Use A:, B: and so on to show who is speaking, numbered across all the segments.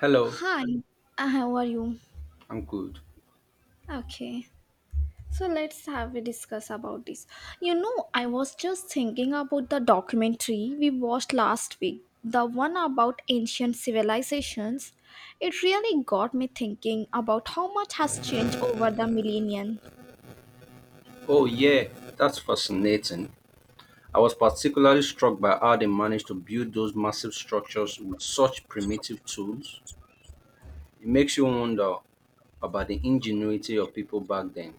A: Hello,
B: Hi, how are you?
A: I'm good.
B: Okay, so let's have a discuss about this. You know, I was just thinking about the documentary we watched last week, the one about ancient civilizations. It really got me thinking about how much has changed over the millennia.
A: Oh, yeah, that's fascinating. I was particularly struck by how they managed to build those massive structures with such primitive tools. It makes you wonder about the ingenuity of people back then.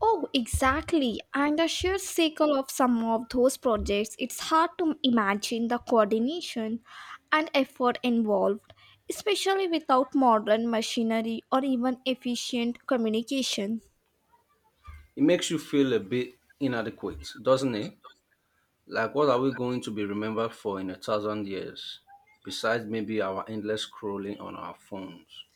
B: Oh, exactly. And the sheer scale of some of those projects, it's hard to imagine the coordination and effort involved, especially without modern machinery or even efficient communication.
A: It makes you feel a bit inadequate, doesn't it? Like, what are we going to be remembered for in a thousand years, besides maybe our endless scrolling on our phones?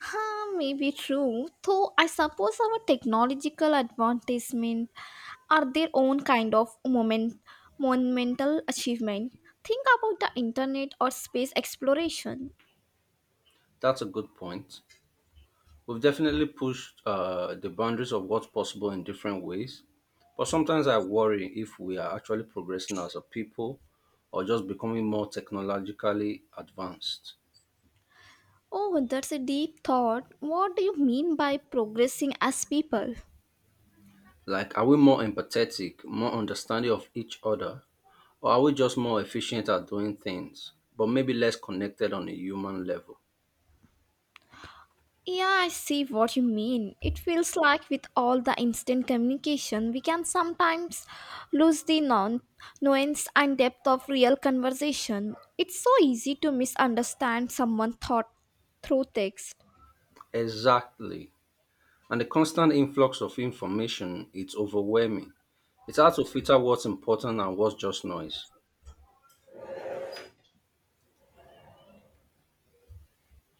B: Huh, maybe true. Though I suppose our technological advancement are their own kind of moment, monumental achievement. Think about the internet or space exploration.
A: That's a good point. We've definitely pushed the boundaries of what's possible in different ways, but sometimes I worry if we are actually progressing as a people or just becoming more technologically advanced.
B: Oh, that's a deep thought. What do you mean by progressing as people?
A: Like, are we more empathetic, more understanding of each other, or are we just more efficient at doing things, but maybe less connected on a human level?
B: Yeah, I see what you mean. It feels like with all the instant communication, we can sometimes lose the non nuance and depth of real conversation. It's so easy to misunderstand someone's thought through text.
A: Exactly. And the constant influx of information, it's overwhelming. It's hard to filter what's important and what's just noise.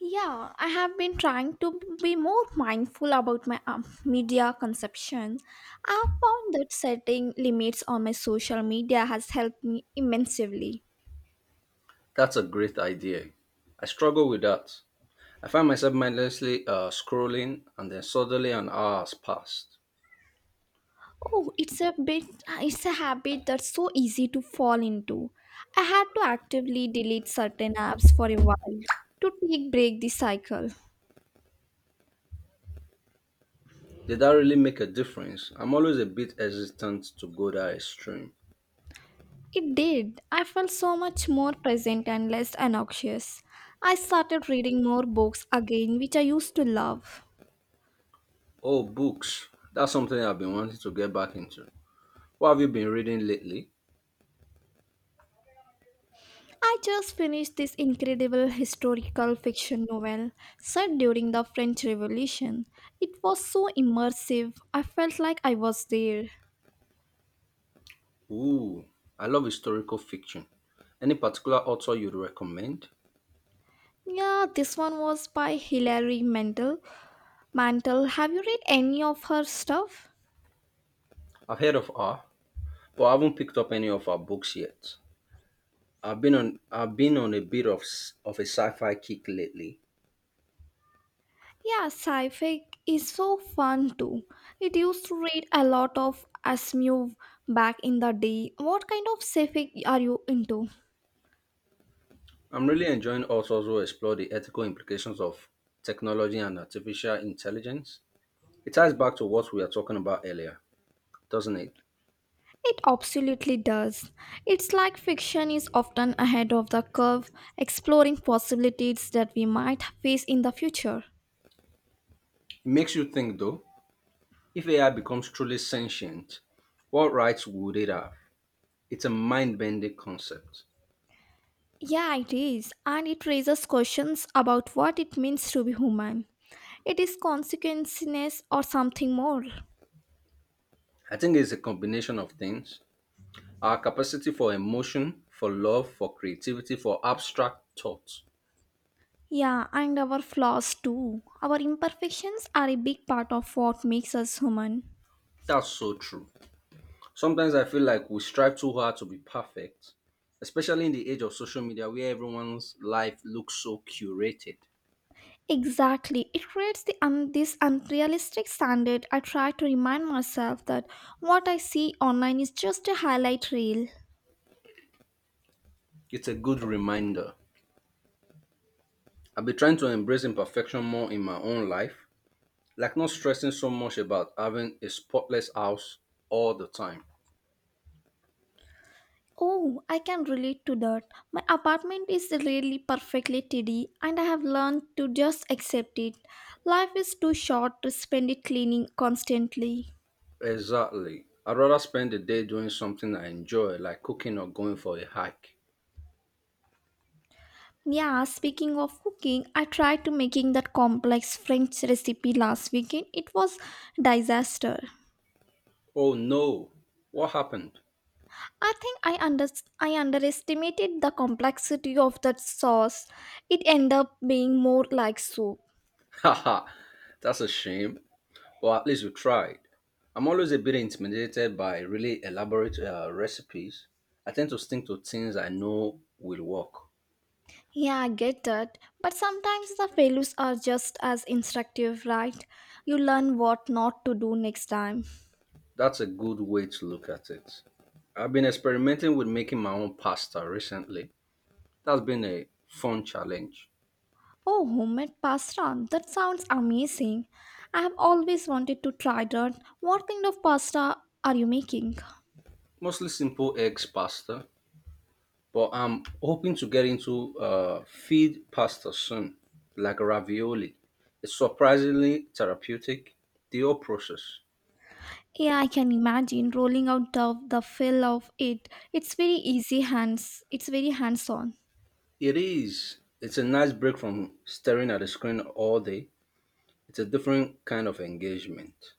B: Yeah, I have been trying to be more mindful about my media consumption. I found that setting limits on my social media has helped me immensely.
A: That's a great idea. I struggle with that. I find myself mindlessly scrolling and then suddenly an hour has passed.
B: Oh, it's a habit that's so easy to fall into. I had to actively delete certain apps for a while to take break the cycle.
A: Did that really make a difference? I'm always a bit hesitant to go that extreme.
B: It did. I felt so much more present and less anxious. I started reading more books again, which I used to love.
A: Oh, books. That's something I've been wanting to get back into. What have you been reading lately?
B: I just finished this incredible historical fiction novel set during the French Revolution. It was so immersive, I felt like I was there.
A: Ooh, I love historical fiction. Any particular author you'd recommend?
B: Yeah, this one was by Hilary Mantel. Mantel, have you read any of her stuff?
A: I've heard of her, but I haven't picked up any of her books yet. I've been on a bit of a sci-fi kick lately.
B: Yeah, sci-fi is so fun too. It used to read a lot of Asimov back in the day. What kind of sci-fi are you into?
A: I'm really enjoying us also explore the ethical implications of technology and artificial intelligence. It ties back to what we were talking about earlier, doesn't it?
B: It absolutely does. It's like fiction is often ahead of the curve, exploring possibilities that we might face in the future.
A: It makes you think though, if AI becomes truly sentient, what rights would it have? It's a mind bending concept.
B: Yeah, it is, and it raises questions about what it means to be human. It is consequences or something more.
A: I think it's a combination of things our capacity for emotion, for love, for creativity, for abstract thought.
B: Yeah, and our flaws too. Our imperfections are a big part of what makes us human.
A: That's so true. Sometimes I feel like we strive too hard to be perfect, especially in the age of social media where everyone's life looks so curated.
B: Exactly. It creates this unrealistic standard. I try to remind myself that what I see online is just a highlight reel.
A: It's a good reminder. I've been trying to embrace imperfection more in my own life, like not stressing so much about having a spotless house all the time.
B: Oh, I can relate to that. My apartment is really perfectly tidy and I have learned to just accept it. Life is too short to spend it cleaning constantly.
A: Exactly. I'd rather spend the day doing something I enjoy, like cooking or going for a hike.
B: Yeah, speaking of cooking, I tried to making that complex French recipe last weekend. It was disaster.
A: Oh no, what happened?
B: I think I under I underestimated the complexity of that sauce. It ended up being more like soup.
A: Haha, that's a shame. But at least you tried. I'm always a bit intimidated by really elaborate recipes. I tend to stick to things I know will work.
B: Yeah, I get that. But sometimes the failures are just as instructive, right? You learn what not to do next time.
A: That's a good way to look at it. I've been experimenting with making my own pasta recently. That's been a fun challenge.
B: Oh, homemade pasta. That sounds amazing. I have always wanted to try that. What kind of pasta are you making?
A: Mostly simple eggs pasta, but I'm hoping to get into feed pasta soon, like ravioli. It's surprisingly therapeutic, the whole process.
B: Yeah, I can imagine rolling out the fill of it. It's very easy hands. It's very hands-on.
A: It is. It's a nice break from staring at the screen all day. It's a different kind of engagement.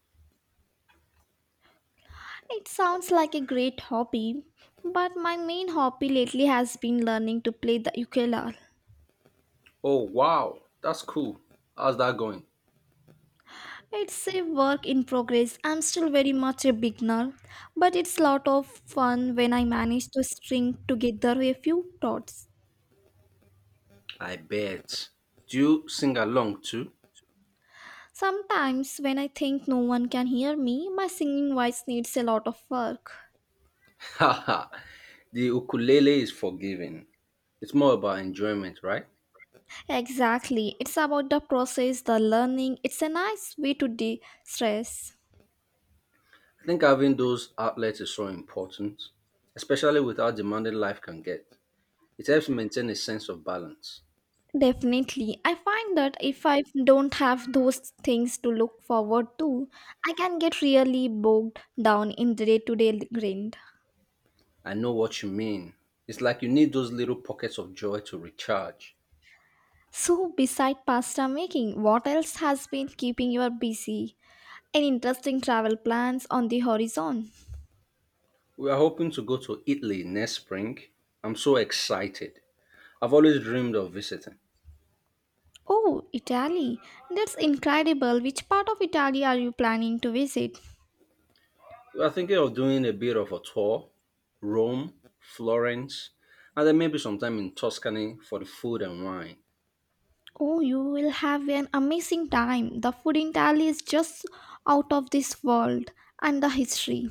B: It sounds like a great hobby, but my main hobby lately has been learning to play the ukulele.
A: Oh, wow. That's cool. How's that going?
B: It's a work in progress. I'm still very much a beginner, but it's lot of fun when I manage to string together a few chords.
A: I bet. Do you sing along too?
B: Sometimes when I think no one can hear me, my singing voice needs a lot of work.
A: Haha. The ukulele is forgiving. It's more about enjoyment, right?
B: Exactly. It's about the process, the learning. It's a nice way to de-stress.
A: I think having those outlets is so important, especially with how demanding life can get. It helps maintain a sense of balance.
B: Definitely. I find that if I don't have those things to look forward to, I can get really bogged down in the day to day grind.
A: I know what you mean. It's like you need those little pockets of joy to recharge.
B: So, beside pasta making, what else has been keeping you busy? Any interesting travel plans on the horizon?
A: We are hoping to go to Italy next spring. I'm so excited. I've always dreamed of visiting.
B: Oh, Italy. That's incredible. Which part of Italy are you planning to visit?
A: We are thinking of doing a bit of a tour Rome, Florence, and then maybe sometime in Tuscany for the food and wine.
B: Oh, you will have an amazing time. The food in Italy is just out of this world, and the history.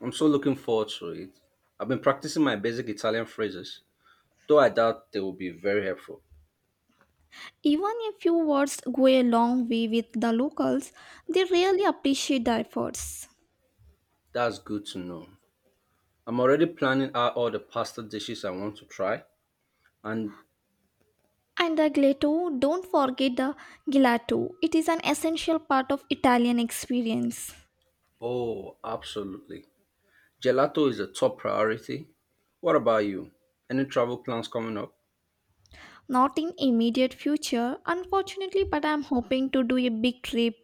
A: I'm so looking forward to it. I've been practicing my basic Italian phrases, though I doubt they will be very helpful.
B: Even a few words go a long way with the locals, they really appreciate the efforts.
A: That's good to know. I'm already planning out all the pasta dishes I want to try, and
B: And the gelato, don't forget the gelato. It is an essential part of Italian experience.
A: oh, absolutely. Gelato is a top priority. What about you? Any travel plans coming up?
B: Not in immediate future, unfortunately, but I'm hoping to do a big trip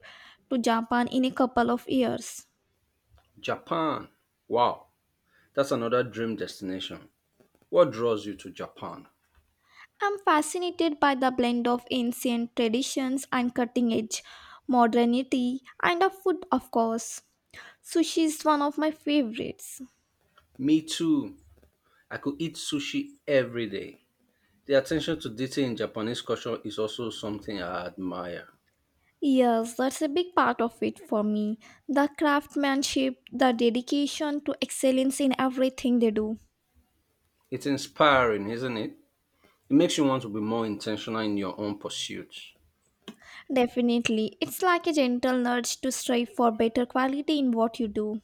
B: to Japan in a couple of years.
A: Japan. Wow, that's another dream destination. What draws you to Japan?
B: I'm fascinated by the blend of ancient traditions and cutting edge modernity and of food, of course. Sushi is one of my favorites.
A: Me too. I could eat sushi every day. The attention to detail in Japanese culture is also something I admire.
B: Yes, that's a big part of it for me. The craftsmanship, the dedication to excellence in everything they do.
A: It's inspiring, isn't it? It makes you want to be more intentional in your own pursuits.
B: Definitely. It's like a gentle nudge to strive for better quality in what you do.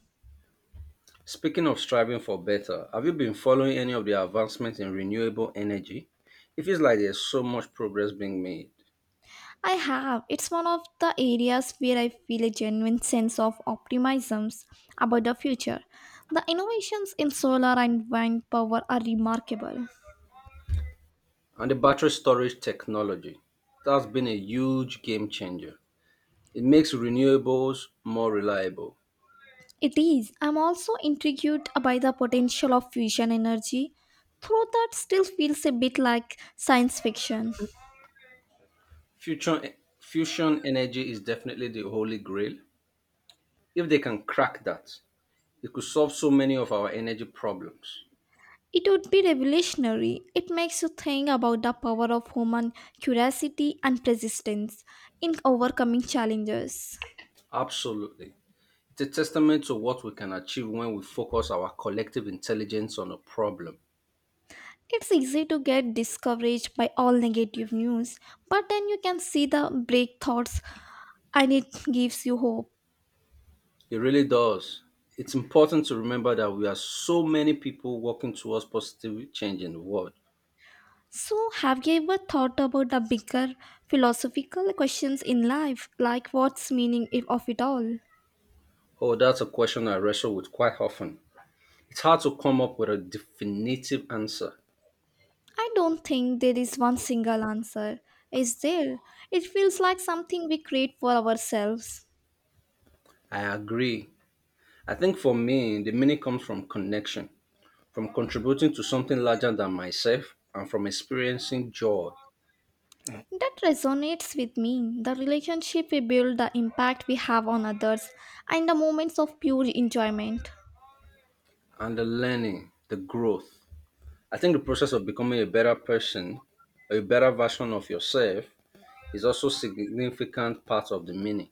A: Speaking of striving for better, have you been following any of the advancements in renewable energy? It feels like there's so much progress being made.
B: I have. It's one of the areas where I feel a genuine sense of optimism about the future. The innovations in solar and wind power are remarkable.
A: And the battery storage technology, that's been a huge game changer. It makes renewables more reliable.
B: It is. I'm also intrigued by the potential of fusion energy, though that still feels a bit like science fiction.
A: Fusion, fusion energy is definitely the holy grail. If they can crack that, it could solve so many of our energy problems.
B: It would be revolutionary. It makes you think about the power of human curiosity and persistence in overcoming challenges.
A: Absolutely. It's a testament to what we can achieve when we focus our collective intelligence on a problem.
B: It's easy to get discouraged by all negative news, but then you can see the breakthroughs and it gives you hope.
A: It really does. It's important to remember that we are so many people working towards positive change in the world.
B: So, have you ever thought about the bigger philosophical questions in life, like what's meaning if of it all?
A: Oh, that's a question I wrestle with quite often. It's hard to come up with a definitive answer.
B: I don't think there is one single answer. Is there? It feels like something we create for ourselves.
A: I agree. I think for me, the meaning comes from connection, from contributing to something larger than myself, and from experiencing joy
B: That resonates with me. The relationship we build, the impact we have on others, and the moments of pure enjoyment.
A: and the learning, the growth. I think the process of becoming a better person, a better version of yourself, is also significant part of the meaning.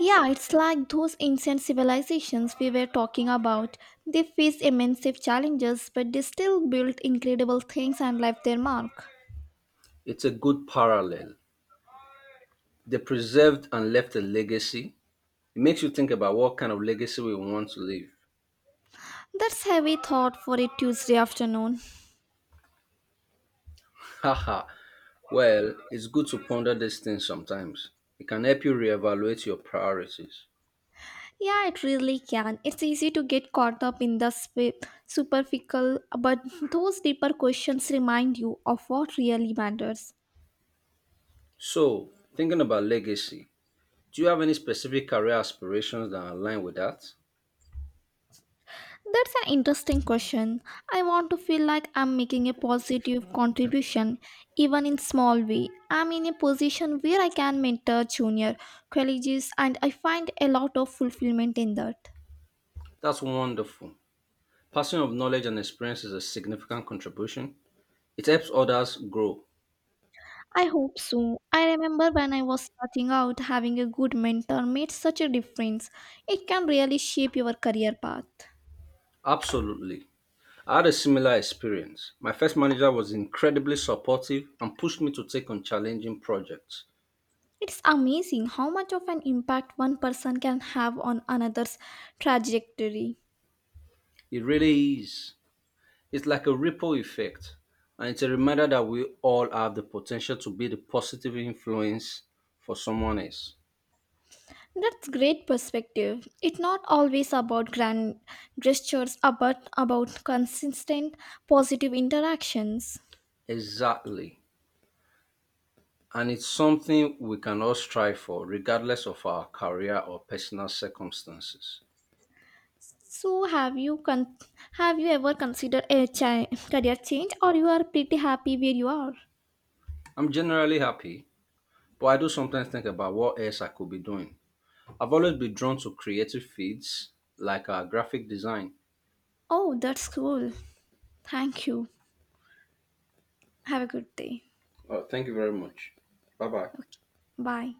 B: Yeah, it's like those ancient civilizations we were talking about. They faced immense challenges, but they still built incredible things and left their mark.
A: It's a good parallel. They preserved and left a legacy. It makes you think about what kind of legacy we want to leave.
B: That's heavy thought for a Tuesday afternoon.
A: Haha. Well, it's good to ponder these things sometimes. It can help you reevaluate your priorities.
B: Yeah, it really can. It's easy to get caught up in superficial, but those deeper questions remind you of what really matters.
A: So, thinking about legacy, do you have any specific career aspirations that align with that?
B: That's an interesting question. I want to feel like I'm making a positive contribution, even in small way. I'm in a position where I can mentor junior colleges, and I find a lot of fulfillment in that.
A: That's wonderful. Passing of knowledge and experience is a significant contribution. It helps others grow.
B: I hope so. I remember when I was starting out, having a good mentor made such a difference. It can really shape your career path.
A: Absolutely. I had a similar experience. My first manager was incredibly supportive and pushed me to take on challenging projects.
B: It's amazing how much of an impact one person can have on another's trajectory.
A: It really is. It's like a ripple effect, and it's a reminder that we all have the potential to be the positive influence for someone else.
B: That's great perspective. It's not always about grand gestures, but about consistent positive interactions.
A: Exactly. And it's something we can all strive for, regardless of our career or personal circumstances.
B: So, have you con- have you ever considered a career change, or you are pretty happy where you are?
A: I'm generally happy, but I do sometimes think about what else I could be doing. I've always been drawn to creative fields like graphic design.
B: Oh, that's cool. Thank you. Have a good day.
A: Oh, thank you very much. Bye bye.
B: Okay. Bye.